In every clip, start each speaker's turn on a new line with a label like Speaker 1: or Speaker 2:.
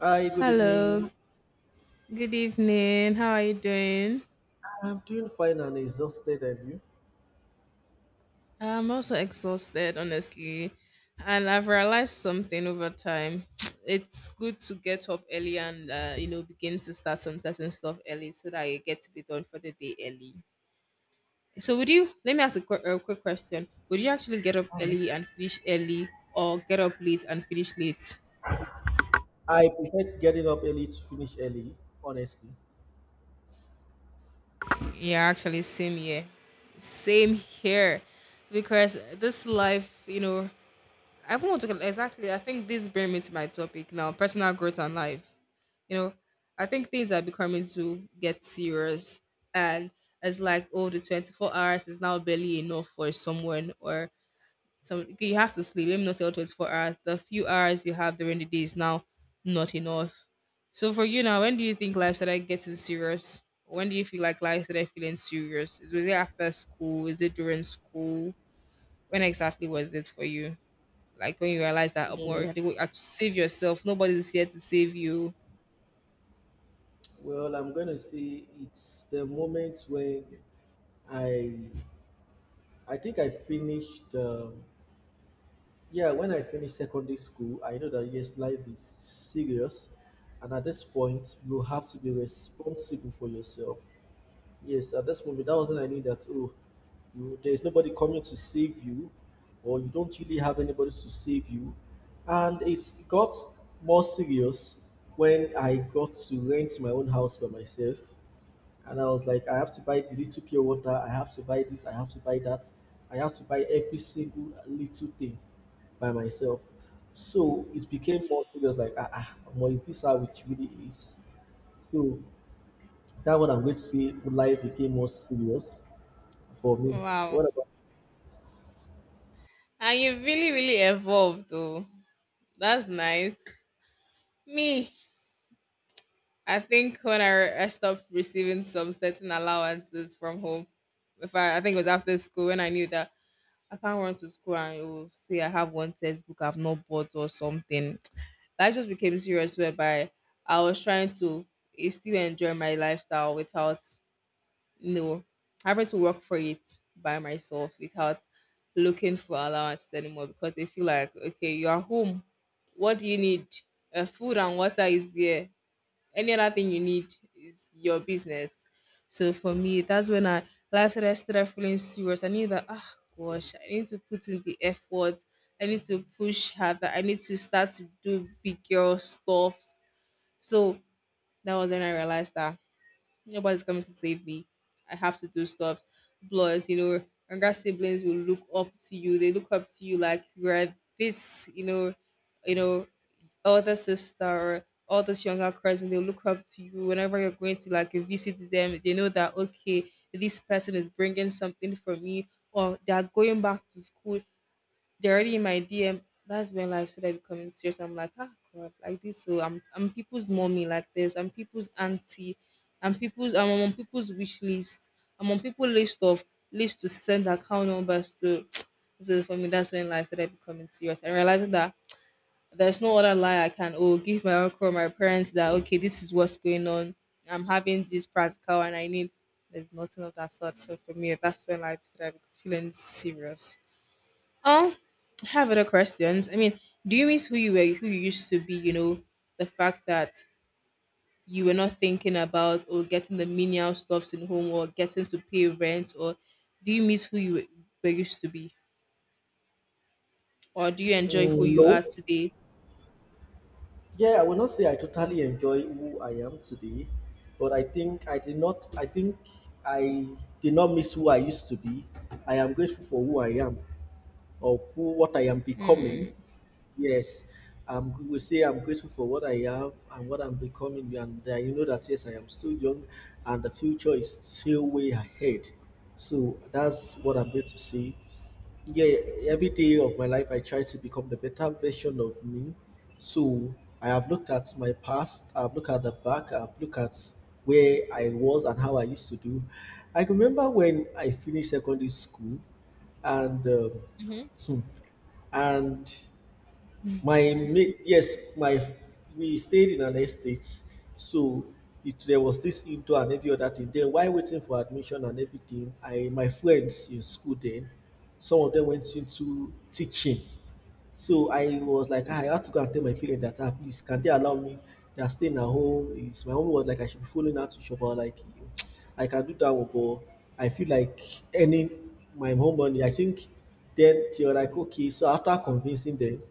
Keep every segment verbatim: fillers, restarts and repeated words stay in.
Speaker 1: Hi, good evening.
Speaker 2: Hello, good evening. How are you doing?
Speaker 1: I'm doing fine and exhausted, and you?
Speaker 2: I'm also exhausted, honestly. And I've realized something over time. It's good to get up early and, uh, you know, begin to start some certain stuff early so that you get to be done for the day early. So, would you, let me ask a, qu- a quick question. Would you actually get up
Speaker 1: Um,
Speaker 2: early and finish early or get up late and finish late?
Speaker 1: I prefer getting up early to finish early, honestly.
Speaker 2: Yeah, actually, same here. Same here. Because this life, you know, I want to exactly. I think this brings me to my topic now: personal growth and life. You know, I think things are becoming to get serious, and it's like, oh, the twenty-four hours is now barely enough for someone, or some you have to sleep. Let me not say all twenty-four hours. The few hours you have during the day is now not enough. So for you now, when do you think life started getting serious? When do you feel like life started feeling serious? Was it after school? Is it during school? When exactly was it for you? Like when you realize that oh, you
Speaker 1: Mm,
Speaker 2: have to go- you have to save yourself. Nobody's here to save you.
Speaker 1: Well, I'm going to say it's the moment when I, I think I finished. Um, yeah, when I finished secondary school, I know that yes, life is serious, and at this point, you have to be responsible for yourself. Yes, at this moment, that was when I knew that oh, you, there is nobody coming to save you, or you don't really have anybody to save you. And it got more serious when I got to rent my own house by myself. And I was like, I have to buy the little pure water, I have to buy this, I have to buy that, I have to buy every single little thing by myself. So it became more serious, like, ah, ah, omo, is this how it really is? So that one I'm going to say life became more serious for me. What
Speaker 2: Wow.
Speaker 1: about?
Speaker 2: And you really, really evolved though. That's nice. Me, I think when I, I stopped receiving some certain allowances from home, if I, I think it was after school when I knew that I can't run to school and it will say I have one textbook I've not bought or something. That just became serious whereby I was trying to eh, still enjoy my lifestyle without No, having to work for it by myself without looking for allowances anymore because they feel like, okay, you are home. What do you need? Uh, food and water is there. Any other thing you need is your business. So for me, that's when I life started, started feeling serious. I knew that, ah, gosh, I need to put in the effort. I need to push harder. I need to start to do big girl stuff. So that was when I realized that nobody's coming to save me. I have to do stuff. Plus, you know, younger siblings will look up to you. They look up to you like you're this, you know, you know, older sister or oldest younger cousin, they look up to you whenever you're going to like visit them. They know that okay, this person is bringing something for me, or they are going back to school they're already in my D M. That's when life started becoming serious. I'm like, ah, God, like this. So I'm, I'm people's mommy like this. I'm people's auntie. I'm people's. I'm on people's wish list. I'm on people's list of list to send account numbers to. So for me, that's when life started becoming serious and realizing that there's no other lie I can oh give my uncle or my parents that okay this is what's going on. I'm having this practical and I need. There's nothing of that sort. So for me, that's when life started feeling serious. Um, I have other questions. I mean, do you miss who you were, who you used to be? You know, the fact that you were not thinking about or getting the menial stuffs in home or getting to pay rent, or do you miss who you were were used to be, or do you enjoy who
Speaker 1: Mm,
Speaker 2: you
Speaker 1: no?
Speaker 2: are today?
Speaker 1: Yeah, I will not say I totally enjoy who I am today, but I think I did not. I think I did not miss who I used to be. I am grateful for who I am or who what I am becoming. Yes, um, we will say I'm grateful for what I am and what I'm becoming, and uh, you know that yes, I am still young, and the future is still way ahead. So that's what I'm going to say. Yeah, yeah, every day of my life I try to become the better version of me. So I have looked at my past, I've looked at the back, I've looked at where I was and how I used to do. I remember when I finished secondary school and um,
Speaker 2: Hmm.
Speaker 1: hmm, and my mate, yes, my we stayed in an estate, so it there was this indoor and every other thing. Then while waiting for admission and everything, I my friends in school then, some of them went into teaching. So I was like, "Ah, I had to go and tell my parents that ah, please can they allow me? They are staying at home. It's, my mom was like I should be following her to shop. I was like I can do that one, but I feel like earning my own money. I think then they were like, okay. So after convincing them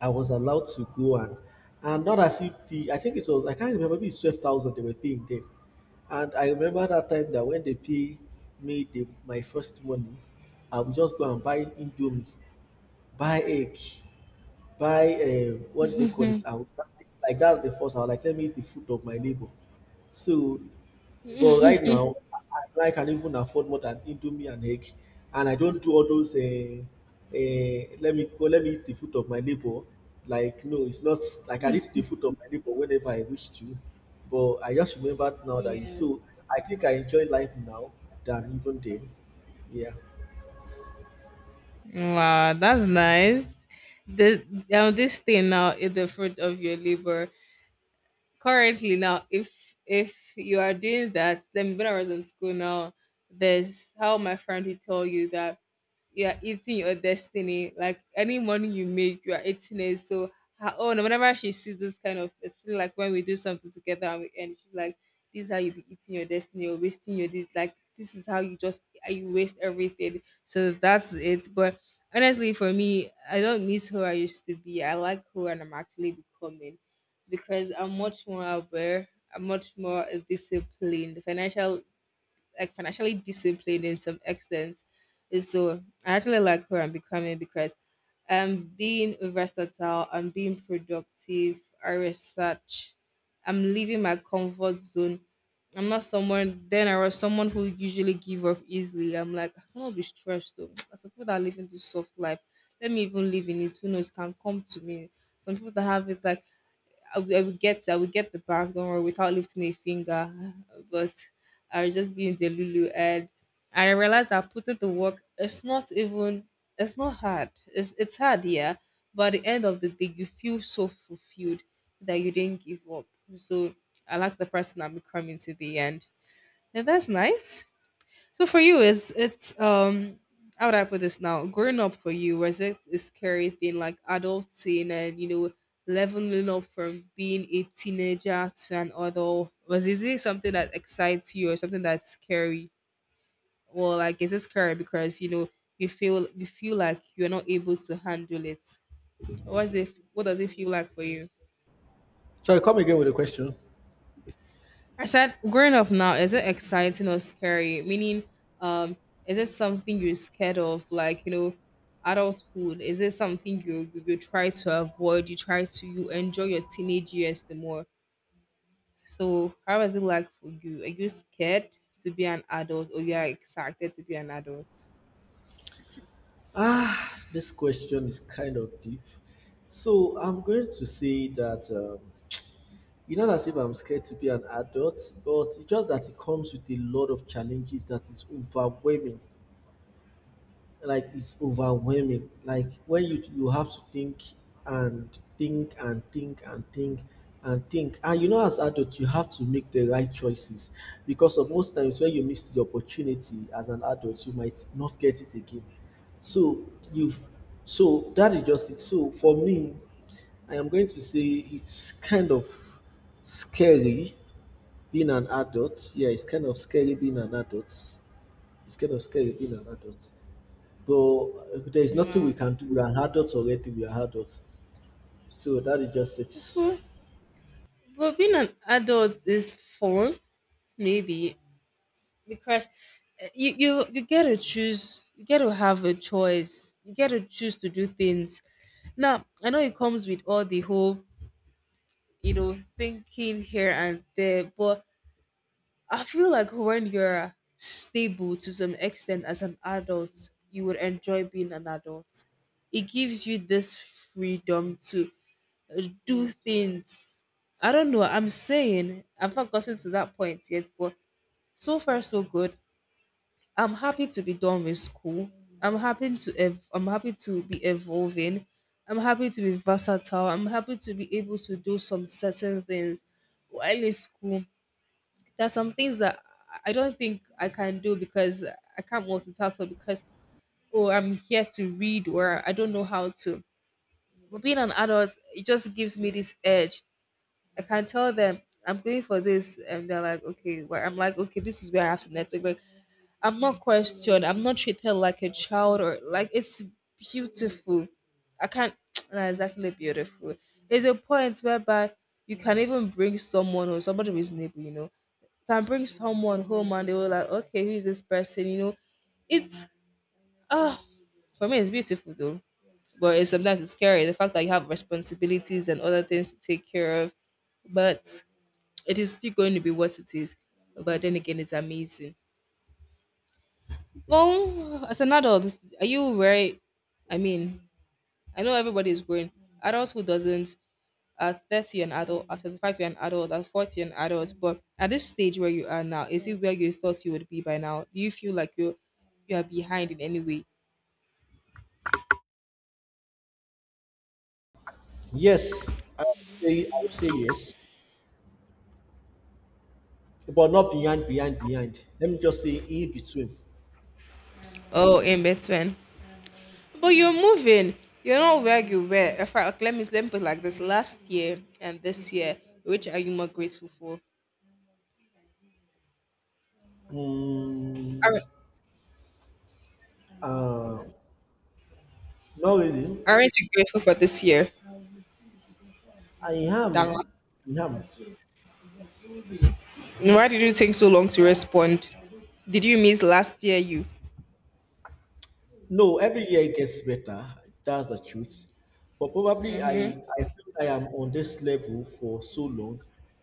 Speaker 1: I was allowed to go and and not as if the I think it was I can't remember maybe it's twelve thousand they were paying then. And I remember that time that when they pay me the my first money, I would just go and buy indomie, buy egg by uh, what do they call it? I would start like that's the first. I would like tell me the food of my neighbor. So, but right now, I, I can even afford more than indomie and egg, and I don't do all those. Uh, uh, let me go. Let me eat the food of my neighbor. Like no, it's not. Like, I can eat the food of my neighbor whenever I wish to. But I just remember now that you.
Speaker 2: Yeah.
Speaker 1: So I think I enjoy life now than even then. Yeah.
Speaker 2: Wow, that's nice. The now this thing now is the fruit of your labor. Currently now, if if you are doing that, then when I was in school now, there's how my friend will tell you that you are eating your destiny. Like any money you make, you are eating it. So her own, whenever she sees this kind of, especially like when we do something together and we end, she's like, "This is how you be eating your destiny. You're wasting your this. Like this is how you just how you waste everything." So that's it. But honestly, for me, I don't miss who I used to be. I like who and I'm actually becoming because I'm much more aware. I'm much more disciplined. Financial Like financially disciplined in some extent. And so I actually like who I'm becoming because I'm being versatile, I'm being productive, I research, I'm leaving my comfort zone. I'm not someone then I was someone who usually give up easily. I'm like, I cannot be stressed though. As some people that live in this soft life, let me even live in it. Who knows it can come to me. Some people that have it like I would, I would get I would get the bag, don't worry, without lifting a finger. But I was just being the Lulu and I realized that putting to work it's not even it's not hard. It's it's hard, yeah. But at the end of the day you feel so fulfilled that you didn't give up. So I like the person I'm becoming to the end. And that's nice. So for you, is it's um how would I put this now? Growing up for you was it a scary thing like adulting and you know leveling up from being a teenager to an adult? Was Is it something that excites you or something that's scary? Or like is it scary because you know you feel you feel like you're not able to handle it? What is it? What does it feel like for you?
Speaker 1: So I come again with a question.
Speaker 2: I said, growing up now, is it exciting or scary? Meaning, um, is it something you're scared of? Like, you know, adulthood, is it something you, you, you try to avoid? You try to, you enjoy your teenage years the more. So, how is it like for you? Are you scared to be an adult or you are excited to be an adult?
Speaker 1: Ah, this question is kind of deep. So I'm going to say that um, it's not as if I'm scared to be an adult, but it's just that it comes with a lot of challenges that is overwhelming like it's overwhelming like when you you have to think and think and think and think and think and you know as adults, you have to make the right choices because of most times when you miss the opportunity as an adult you might not get it again so you've so that is just it so for me I am going to say it's kind of scary being an adult. Yeah, it's kind of scary being an adult. It's kind of scary being an adult. So there is nothing we
Speaker 2: Wow.
Speaker 1: can do. We are adults already. We are adults. So that is just it.
Speaker 2: But, but being an adult is fun, maybe. Because eh, you you you get to choose, you get to have a choice, you get to choose to do things. Now I know it comes with all the whole you know thinking here and there, but I feel like when you're stable to some extent as an adult you would enjoy being an adult. It gives you this freedom to uh, do things. I don't know, I'm saying I've not gotten to that point yet, but so far so good. I'm happy to be done with school. I'm happy to ev- I'm happy to be evolving. I'm happy to be versatile. I'm happy to be able to do some certain things while in school. There's some things that I don't think I can do because I can't multitask or because oh I'm here to read or I don't know how to. But being an adult, it just gives me this edge. I can tell them I'm going for this, and they're like, okay. Well, I'm like, okay, this is where I have to network. I'm not questioned. I'm not treated like a child or like it's beautiful. I can't. Nah, it's actually beautiful. It's a point whereby you can even bring someone or somebody reasonable, you know, can bring someone home and they were like, okay, who is this person? You know, it's oh, for me, it's beautiful though. But it's, sometimes it's scary the fact that you have responsibilities and other things to take care of. But it is still going to be what it is. But then again, it's amazing. Well, as an adult, are you very? I mean, I know everybody is growing. Adults who doesn't, at thirty an adult, at thirty-five you're an adult, at forty an adult. But at this stage where you are now, is it where you thought you would be by now? Do you feel like you you are behind in any way?
Speaker 1: Yes, I would say, I would say yes, but not behind, behind, behind. Let me just say in between.
Speaker 2: Oh, in between. But you're moving. You're not where you were. In fact, let me let me put it like this: last year and this year, which are you more grateful for?
Speaker 1: Mm,
Speaker 2: Aren't
Speaker 1: uh, not really.
Speaker 2: aren't you grateful for this year
Speaker 1: I
Speaker 2: than last?
Speaker 1: am. I am.
Speaker 2: Why did you take so long to respond? Did you miss last year you?
Speaker 1: No, every year it gets better. That's the truth. But probably I, I feel I am on this level for so long.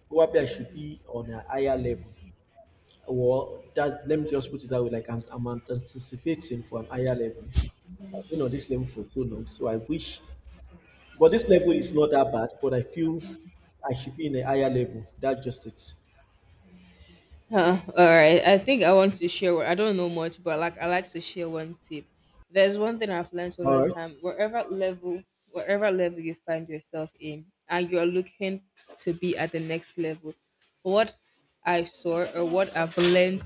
Speaker 1: Probably I should be on a higher level. Or that let me just put it that way, like I'm, I'm anticipating for an higher level. I've been on this level for so long, so I wish. But this level is not that bad, but I feel I should be in a higher level. That's just it.
Speaker 2: Huh, all right. I think I want to share. one- I don't know much, but like I like to share one tip. There's one thing I've learned over
Speaker 1: All right.
Speaker 2: time. Wherever level, wherever level you find yourself in, and you are looking to be at the next level, what I saw or what I've learned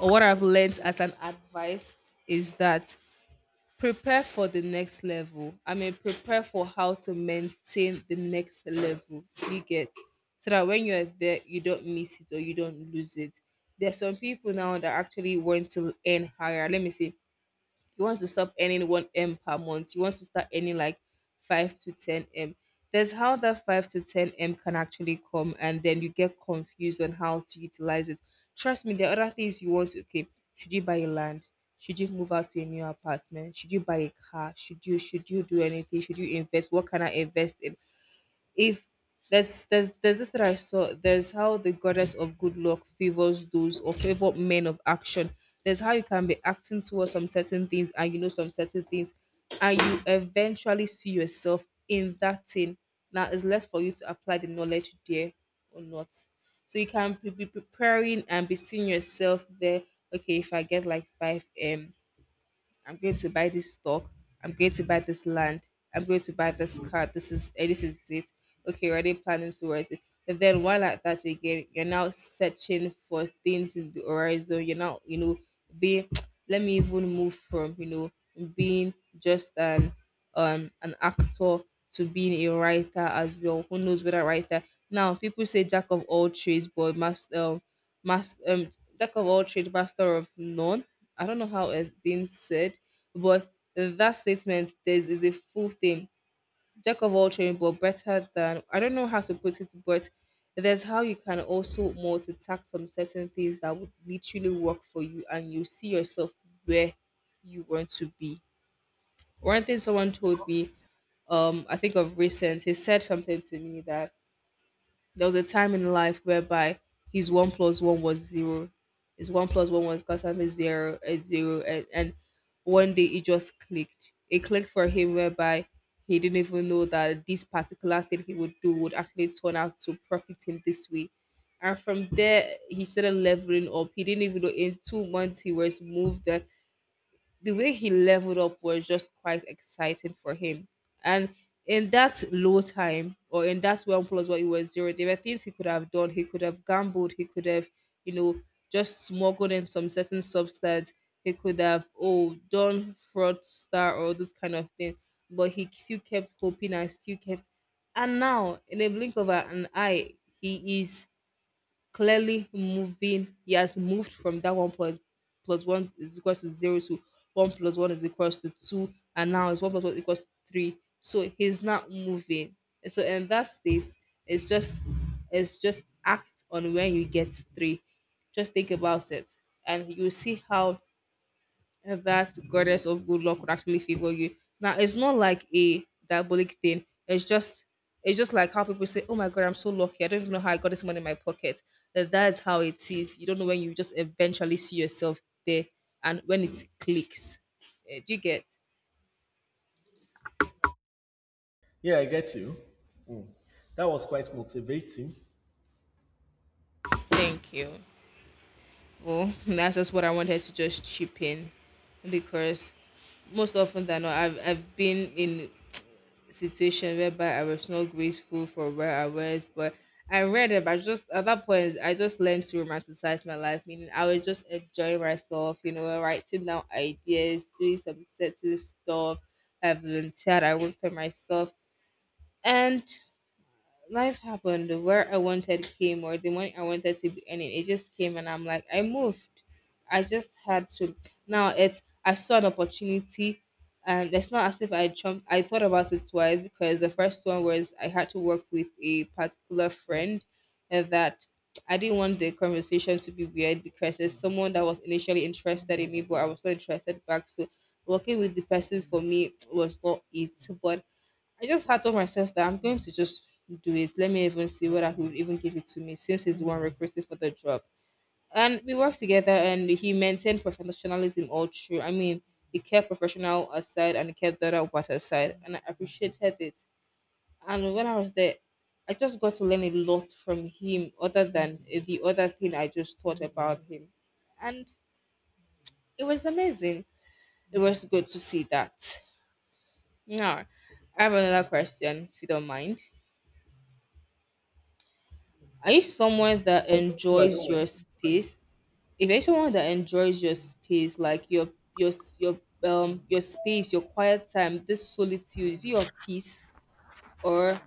Speaker 2: or what I've learned as an advice is that prepare for the next level. I mean, prepare for how to maintain the next level. Do you get? So that when you're there, you don't miss it or you don't lose it. There's some people now that actually want to earn higher. Let me see, you want to stop earning one m per month. You want to start earning like five to ten m. There's how that five to ten m can actually come, and then you get confused on how to utilize it. Trust me, there are other things you want to, okay, should you buy a land? Should you move out to a new apartment? Should you buy a car? Should you should you do anything? Should you invest? What can I invest in? If there's there's there's this that I saw. There's how the goddess of good luck favors those, or favor men of action. There's how you can be acting towards some certain things and you know some certain things, and you eventually see yourself in that thing. Now it's less for you to apply the knowledge there or not. So you can be be preparing and be seeing yourself there. Okay, if I get like five m, I'm going to buy this stock. I'm going to buy this land. I'm going to buy this car. This is eh, this is it. Okay, you're already planning towards it. And then while at that again, you're now searching for things in the horizon. You're now, you know, being let me even move from, you know, being just an um an actor to being a writer as well. Who knows what a writer... Now people say jack of all trades but master, master um jack of all trades, master of none. I don't know how it's being said, but that statement there's is a full thing. Jack of all trades, but better than, I don't know how to put it, but there's how you can also multitask some certain things that would literally work for you and you see yourself where you want to be. One thing someone told me, um, I think of recent, he said something to me that there was a time in life whereby his one plus one was zero. His one plus one was constantly zero and zero. And, and one day it just clicked. It clicked for him whereby he didn't even know that this particular thing he would do would actually turn out to profit him this way. And from there, he started leveling up. He didn't even know in two months he was moved. Uh, the way he leveled up was just quite exciting for him. And in that low time, or in that one plus what it was zero, there were things he could have done. He could have gambled. He could have, you know, just smuggled in some certain substance. He could have, oh, done fraud star or those kind of thing. But he still kept hoping and still kept. And now, in a blink of an eye, he is clearly moving. He has moved from that one point plus one is equals to zero to one plus one is equals to two, and now it's one plus one equals to three. So he's not moving. So in that state, it's just it's just act on when you get three. Just think about it, and you see how uh, that goddess of good luck would actually favor you. Now it's not like a diabolic thing. It's just it's just like how people say, "Oh my god, I'm so lucky. I don't even know how I got this money in my pocket." That that is how it is. You don't know when you just eventually see yourself there and when it clicks. Eh, Do you get?
Speaker 1: Yeah, I get you. Mm. That was quite motivating.
Speaker 2: Thank you. Well, that's just what I wanted to just chip in, because most often than not, I've, I've been in situation whereby I was not grateful for where I was, but I read it. But just at that point, I just learned to romanticize my life, meaning I was just enjoying myself, you know, writing down ideas, doing some certain stuff. I volunteered, I worked for myself, and life happened. Where I wanted came, or the money I wanted to be earning, it just came, and I'm like, I moved. I just had to. Now it's, I saw an opportunity, and it's not as if I jumped. I thought about it twice, because the first one was I had to work with a particular friend, and that, I didn't want the conversation to be weird because it's someone that was initially interested in me, but I was not interested back. So working with the person for me was not it, but I just had told myself that I'm going to just do it. Let me even see whether he would even give it to me, since he's the one recruited for the job. And we worked together, and he maintained professionalism all through. I mean, he kept professional aside and he kept the other part aside. And I appreciated it. And when I was there, I just got to learn a lot from him other than the other thing I just thought about him. And it was amazing. It was good to see that. Now, I have another question, if you don't mind. Are you someone that
Speaker 1: No, I
Speaker 2: enjoys
Speaker 1: don't mind.
Speaker 2: your space? If you're someone that enjoys your space, like your your s- your um your space, your quiet time, this solitude, is it your peace, or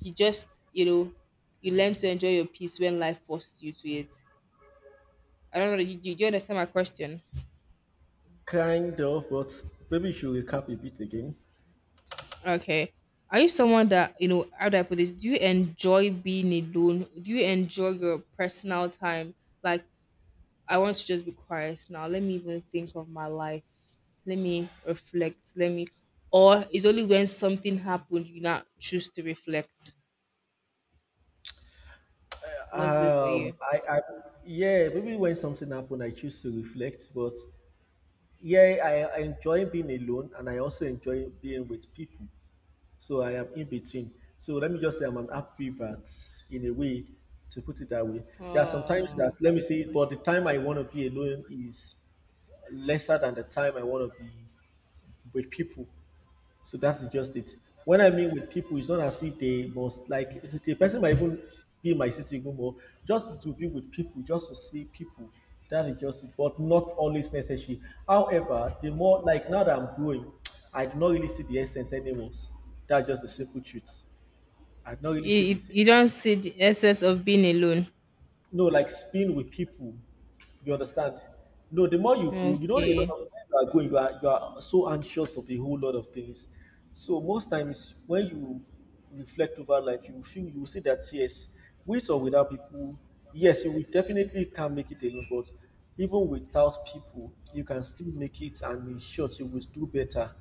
Speaker 2: you just, you know, you learn to enjoy your peace when life forced you to it? I don't know. You, you, do you understand my question?
Speaker 1: Kind of, but maybe you should recap a bit again.
Speaker 2: Okay. Are you someone that, you know, how do I put this? Do you enjoy being alone? Do you enjoy your personal time? Like, I want to just be quiet now. Let me even think of my life. Let me reflect. Let me. Or it's only when something happened you not choose to reflect. What's it for
Speaker 1: Um,
Speaker 2: you?
Speaker 1: I, I, yeah, maybe when something happened, I choose to reflect, but yeah, I I enjoy being alone and I also enjoy being with people. So I am in between. So let me just say I'm an ambivert in a way, to put it that way. There are some times that,
Speaker 2: Oh,
Speaker 1: let me say, but the time I want to be alone is lesser than the time I want to be with people. So that's just it. When I meet with people, it's not as if they must like the person might even be in my city even more. Just to be with people, just to see people. That is just it. But not always necessary. However, the more like now that I'm growing, I do not really see the essence anymore. That's just the simple truth. I do not really
Speaker 2: you,
Speaker 1: see
Speaker 2: you
Speaker 1: this.
Speaker 2: you don't see the essence of being alone.
Speaker 1: No, like spin with people. You understand? No, the more you go, you know, a lot
Speaker 2: Okay,
Speaker 1: of times you are going, you are, you are so anxious of a whole lot of things. So most times when you reflect over life, you feel you will see that yes, with or without people, yes, you will definitely can make it alone, but even without people, you can still make it and in short, you will do better.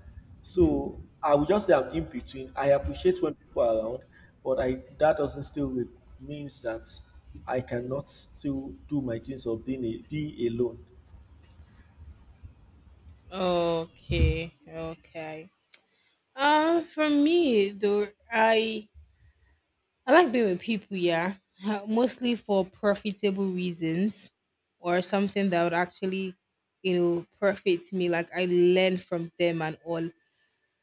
Speaker 1: So I would just say I'm in between. I appreciate when people are around, but I that doesn't still re- means that I cannot still do my things or being a, be alone.
Speaker 2: okay, okay. Uh, for me though, I I like being with people, yeah, mostly for profitable reasons, or something that would actually, you know, profit me. Like I learn from them and all.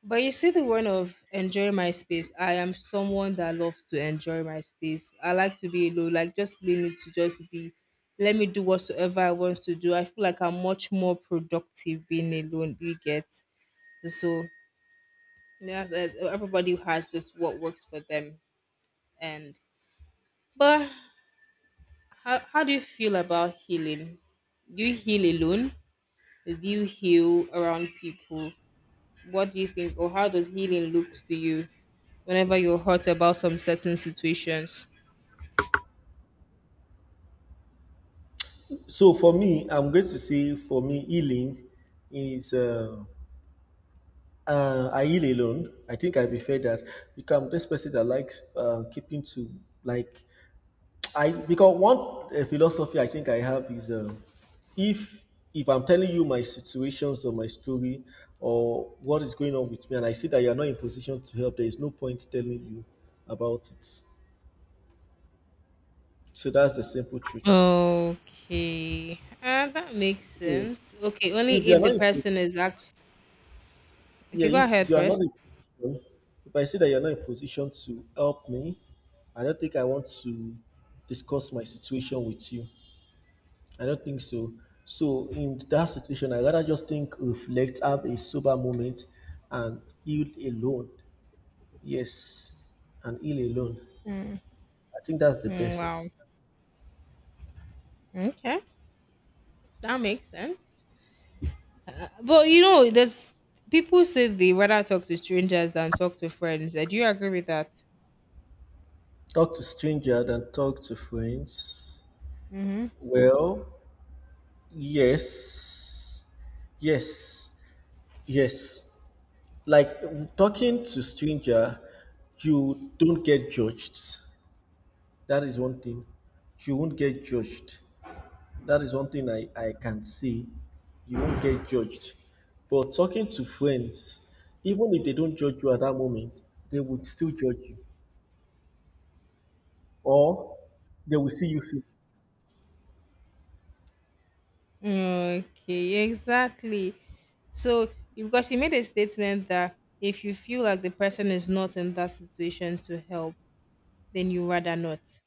Speaker 2: But you see, the one of enjoying my space, I am someone that loves to enjoy my space. I like to be alone, like just leave me to just be. Let me do whatsoever I want to do. I feel like I'm much more productive being alone. You get? So, yeah. that- Everybody has just what works for them, and but, How how do you feel about healing? Do you heal alone? Do you heal around people? What do you think, or how does healing looks to you whenever you're hurt about some certain situations?
Speaker 1: So for me, I'm going to say for me healing is uh, uh, I heal alone. I think I prefer that because I'm this person that likes uh, keeping to like I because one uh, philosophy I think I have is uh, if if I'm telling you my situations or my story or what is going on with me, and I see that you are not in position to help, there is no point telling you about it. So that's the simple truth.
Speaker 2: Okay. Uh, that makes
Speaker 1: So
Speaker 2: sense. Okay,
Speaker 1: if
Speaker 2: only
Speaker 1: you are
Speaker 2: if the
Speaker 1: not in, po-
Speaker 2: person is actually...
Speaker 1: yeah,
Speaker 2: Okay, go
Speaker 1: if
Speaker 2: ahead
Speaker 1: you are not
Speaker 2: first.
Speaker 1: in position, if I see that you are not in position to help me, I don't think I want to discuss my situation with you. I don't think so. So in that situation, I rather just think, reflect, have a sober moment, and heal alone. Yes, and heal alone. I think that's the
Speaker 2: Mm, wow.
Speaker 1: best.
Speaker 2: Okay. That makes sense. But you know, there's people say they rather talk to strangers than talk to friends. Uh, Do you agree with that?
Speaker 1: Talk to stranger than talk to friends.
Speaker 2: Mm-hmm.
Speaker 1: Well, yes, yes, yes. Like talking to stranger, you don't get judged. That is one thing. You won't get judged. That is one thing I, I can say. You won't get judged. But talking to friends, even if they don't judge you at that moment, they would still judge you. Or they will see you fail.
Speaker 2: Okay, exactly. So, because she made a statement that if you feel like the person is not in that situation to help, then you rather not.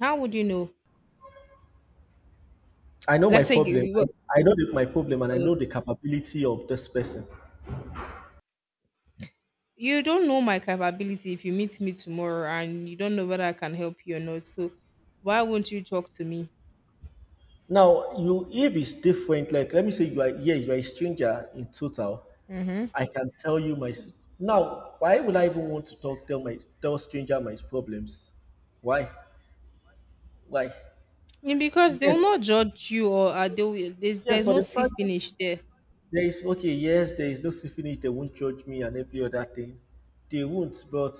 Speaker 2: How would you know?
Speaker 1: I know my
Speaker 2: Let's say you,
Speaker 1: problem.
Speaker 2: you-
Speaker 1: I, I know the, my problem and I
Speaker 2: uh,
Speaker 1: know the capability of this person.
Speaker 2: you don't know my capability if you meet me tomorrow and you don't know whether I can help you or not. So, why won't you talk to me?
Speaker 1: Now, you if it's different, like let me say you are yeah, you are a stranger in total. I can tell you my s- now, why would I even want to talk tell my tell stranger my problems? Why? Why?
Speaker 2: Yeah, because they will
Speaker 1: Yes,
Speaker 2: not judge you, or uh, they will, there's,
Speaker 1: yes,
Speaker 2: there's
Speaker 1: for
Speaker 2: no
Speaker 1: the
Speaker 2: see
Speaker 1: fact
Speaker 2: finish there.
Speaker 1: there is okay, yes, there is no syphilis, they won't judge me and every other thing. They won't, but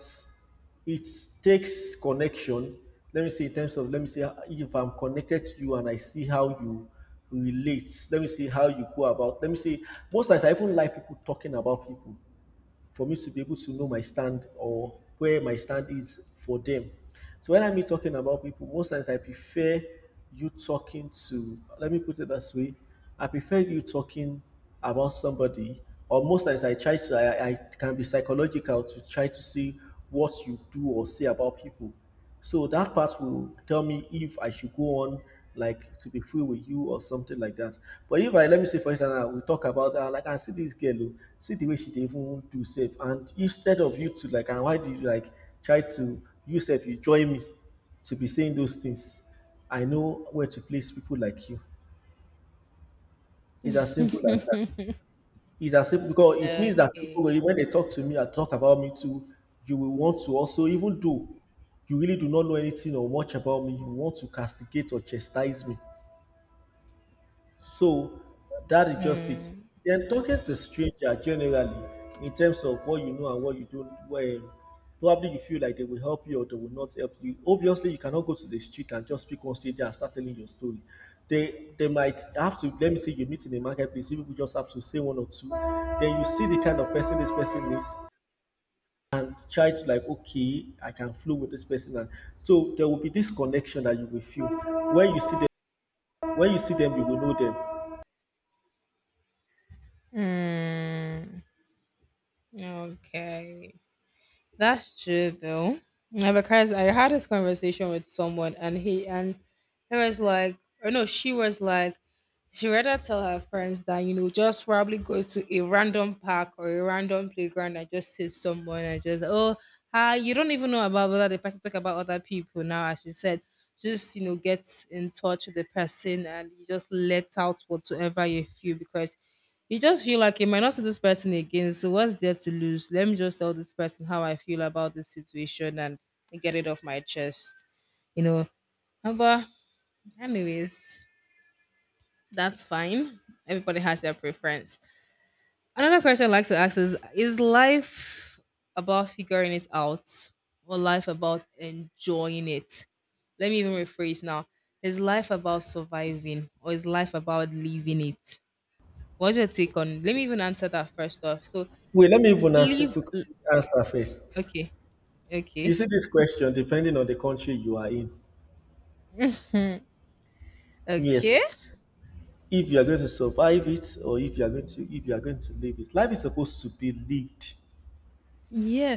Speaker 1: it takes connection. Let me say in terms of let me say if I'm connected to you and I see how you relate. Let me see how you go about. Let me say most times I even like people talking about people for me to be able to know my stand or where my stand is for them. So when I mean talking about people, most times I prefer you talking to, let me put it this way, I prefer you talking about somebody, or most times I try to, I, I can be psychological to try to see what you do or say about people. So that part will tell me if I should go on like to be free with you or something like that. But if I let me say for instance, now, we talk about uh, like I see this girl, oh, see the way she dey even do safe, and instead of you to like, and why did you like try to you self you join me to be saying those things? I know where to place people like you. It's as simple as that. It's as if because it means that people
Speaker 2: Okay.
Speaker 1: will- when they talk to me and talk about me too, you will want to also, even though you really do not know anything or much about me, you want to castigate or chastise me. So that is just it.
Speaker 2: Mm,
Speaker 1: Then talking to stranger generally, in terms of what you know and what you don't, well, probably you feel like they will help you or they will not help you. Obviously, you cannot go to the street and just pick one stranger and start telling your story. They they might have to. Let me say you meet in a marketplace. You people just have to say one or two. Then you see the kind of person this person is. Try to like okay, I can flow with this person, and so there will be this connection that you will feel when you see them. When you see them, you will know them.
Speaker 2: mm, okay. That's true though. Yeah, because I had this conversation with someone, and he and, he was like, or no, she was like, she rather tell her friends that, you know, just probably go to a random park or a random playground and just see someone and just, oh, hi, you don't even know about whether the person talk about other people now, as she said. Just, you know, get in touch with the person and you just let out whatsoever you feel, because you just feel like you might not see this person again. So what's there to lose? Let me just tell this person how I feel about this situation and get it off my chest. You know. Uh, But anyways, that's fine. Everybody has their preference. Another question I like to ask is is life about figuring it out, or life about enjoying it? Let me even rephrase now. Is life about surviving, or is life about living it? What's your take on? Let me even answer that first off. So,
Speaker 1: Wait, let me even answer,
Speaker 2: leave.
Speaker 1: if we could
Speaker 2: l-
Speaker 1: answer first.
Speaker 2: Okay.
Speaker 1: You
Speaker 2: Okay.
Speaker 1: see this question, depending on the country you are in.
Speaker 2: Okay.
Speaker 1: Yes, if you are going to survive it, or if you are going to if you are going to live it, life is supposed to be lived,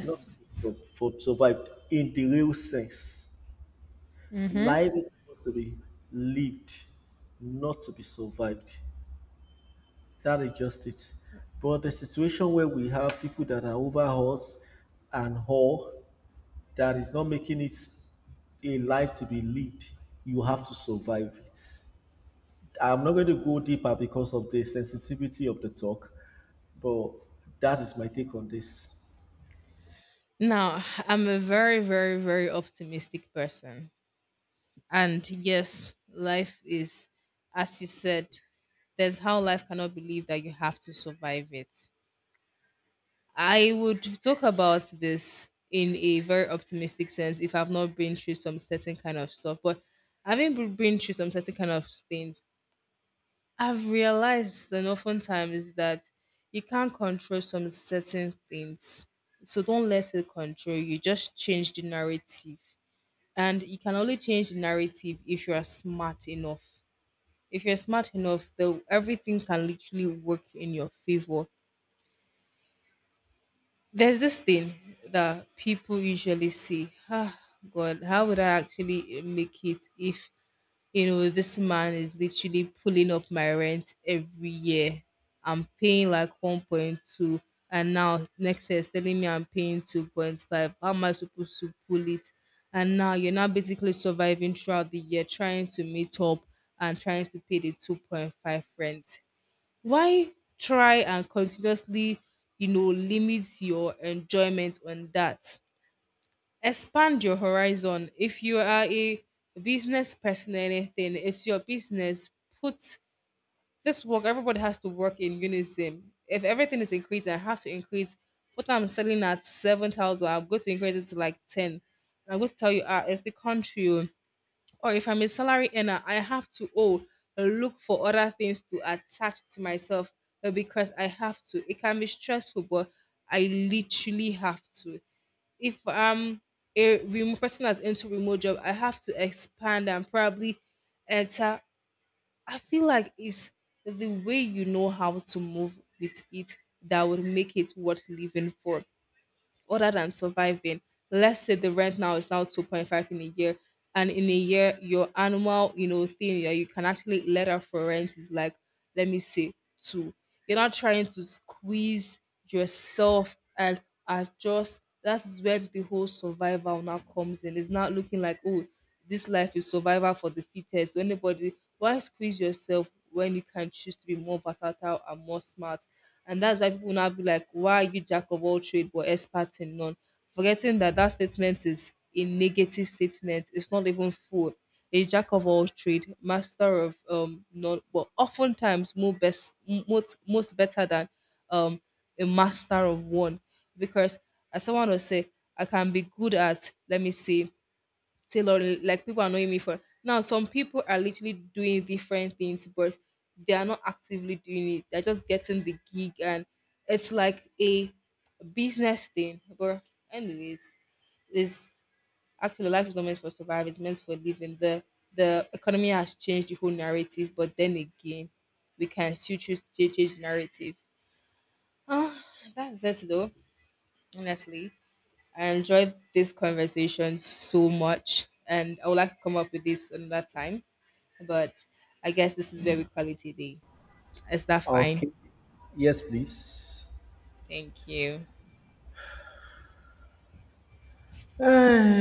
Speaker 1: not to be sur- for survived in the real sense.
Speaker 2: Mm-hmm.
Speaker 1: Life is supposed to be lived, not to be survived. That is just it. But the situation where we have people that are over us and all that is not making it a life to be lived. You have to survive it. I'm not going to go deeper because of the sensitivity of the talk, but that is my take on this.
Speaker 2: Now, I'm a very, very, very optimistic person. And yes, life is, as you said, there's how life cannot believe that you have to survive it. I would talk about this in a very optimistic sense if I've not been through some certain kind of stuff, but having b- been through some certain kind of things, I've realized that oftentimes that you can't control some certain things. So don't let it control you. Just change the narrative. And you can only change the narrative if you are smart enough. If you're smart enough, the everything can literally work in your favor. There's this thing that people usually say, ah, God, how would I actually make it if, you know, this man is literally pulling up my rent every year. I'm paying like one point two, and now next year is telling me I'm paying two point five. How am I supposed to pull it? And now you're now basically surviving throughout the year, trying to meet up and trying to pay the two point five rent. Why try and continuously, you know, limit your enjoyment on that? Expand your horizon. If you are a business person or anything, it's your business. Put this work. Everybody has to work in unison. If everything is increasing, I have to increase what I'm selling at seven thousand. I'm going to increase it to like ten. I'm going to tell you, ah, it's the country, oh. Or if I'm a salary earner, I have to, oh, look for other things to attach to myself, uh, because I have to. It can be stressful, but I literally have to. If I'm a remote person that's into remote job, I have to expand and probably enter. I feel like it's the way you know how to move with it that would make it worth living for, other than surviving. Let's say the rent now is now two point five in a year, and in a year, your annual, you know, thing that you can actually let out for rent is, like, let me say, two. You're not trying to squeeze yourself and adjust. That's where the whole survival now comes in. It's not looking like, oh, this life is survival for the fittest. So anybody, why squeeze yourself when you can choose to be more versatile and more smart? And that's why people now be like, why are you jack of all trade but expert in none? Forgetting that that statement is a negative statement. It's not even full. A jack of all trade, master of um none, but oftentimes more best, m- most most better than um a master of one, because, as someone will say, I can be good at, let me see, tailoring. Like people are knowing me for now. Some people are literally doing different things, but they are not actively doing it. They're just getting the gig, and it's like a business thing. But anyways, is actually, life is not meant for survive. It's meant for living. The the economy has changed the whole narrative, but then again, we can still choose to change narrative. Ah, that's it though, honestly. I enjoyed this conversation so much, and I would like to come up with this another time, but I guess this is very quality day. Is that fine?
Speaker 1: Okay. Yes, please.
Speaker 2: Thank you.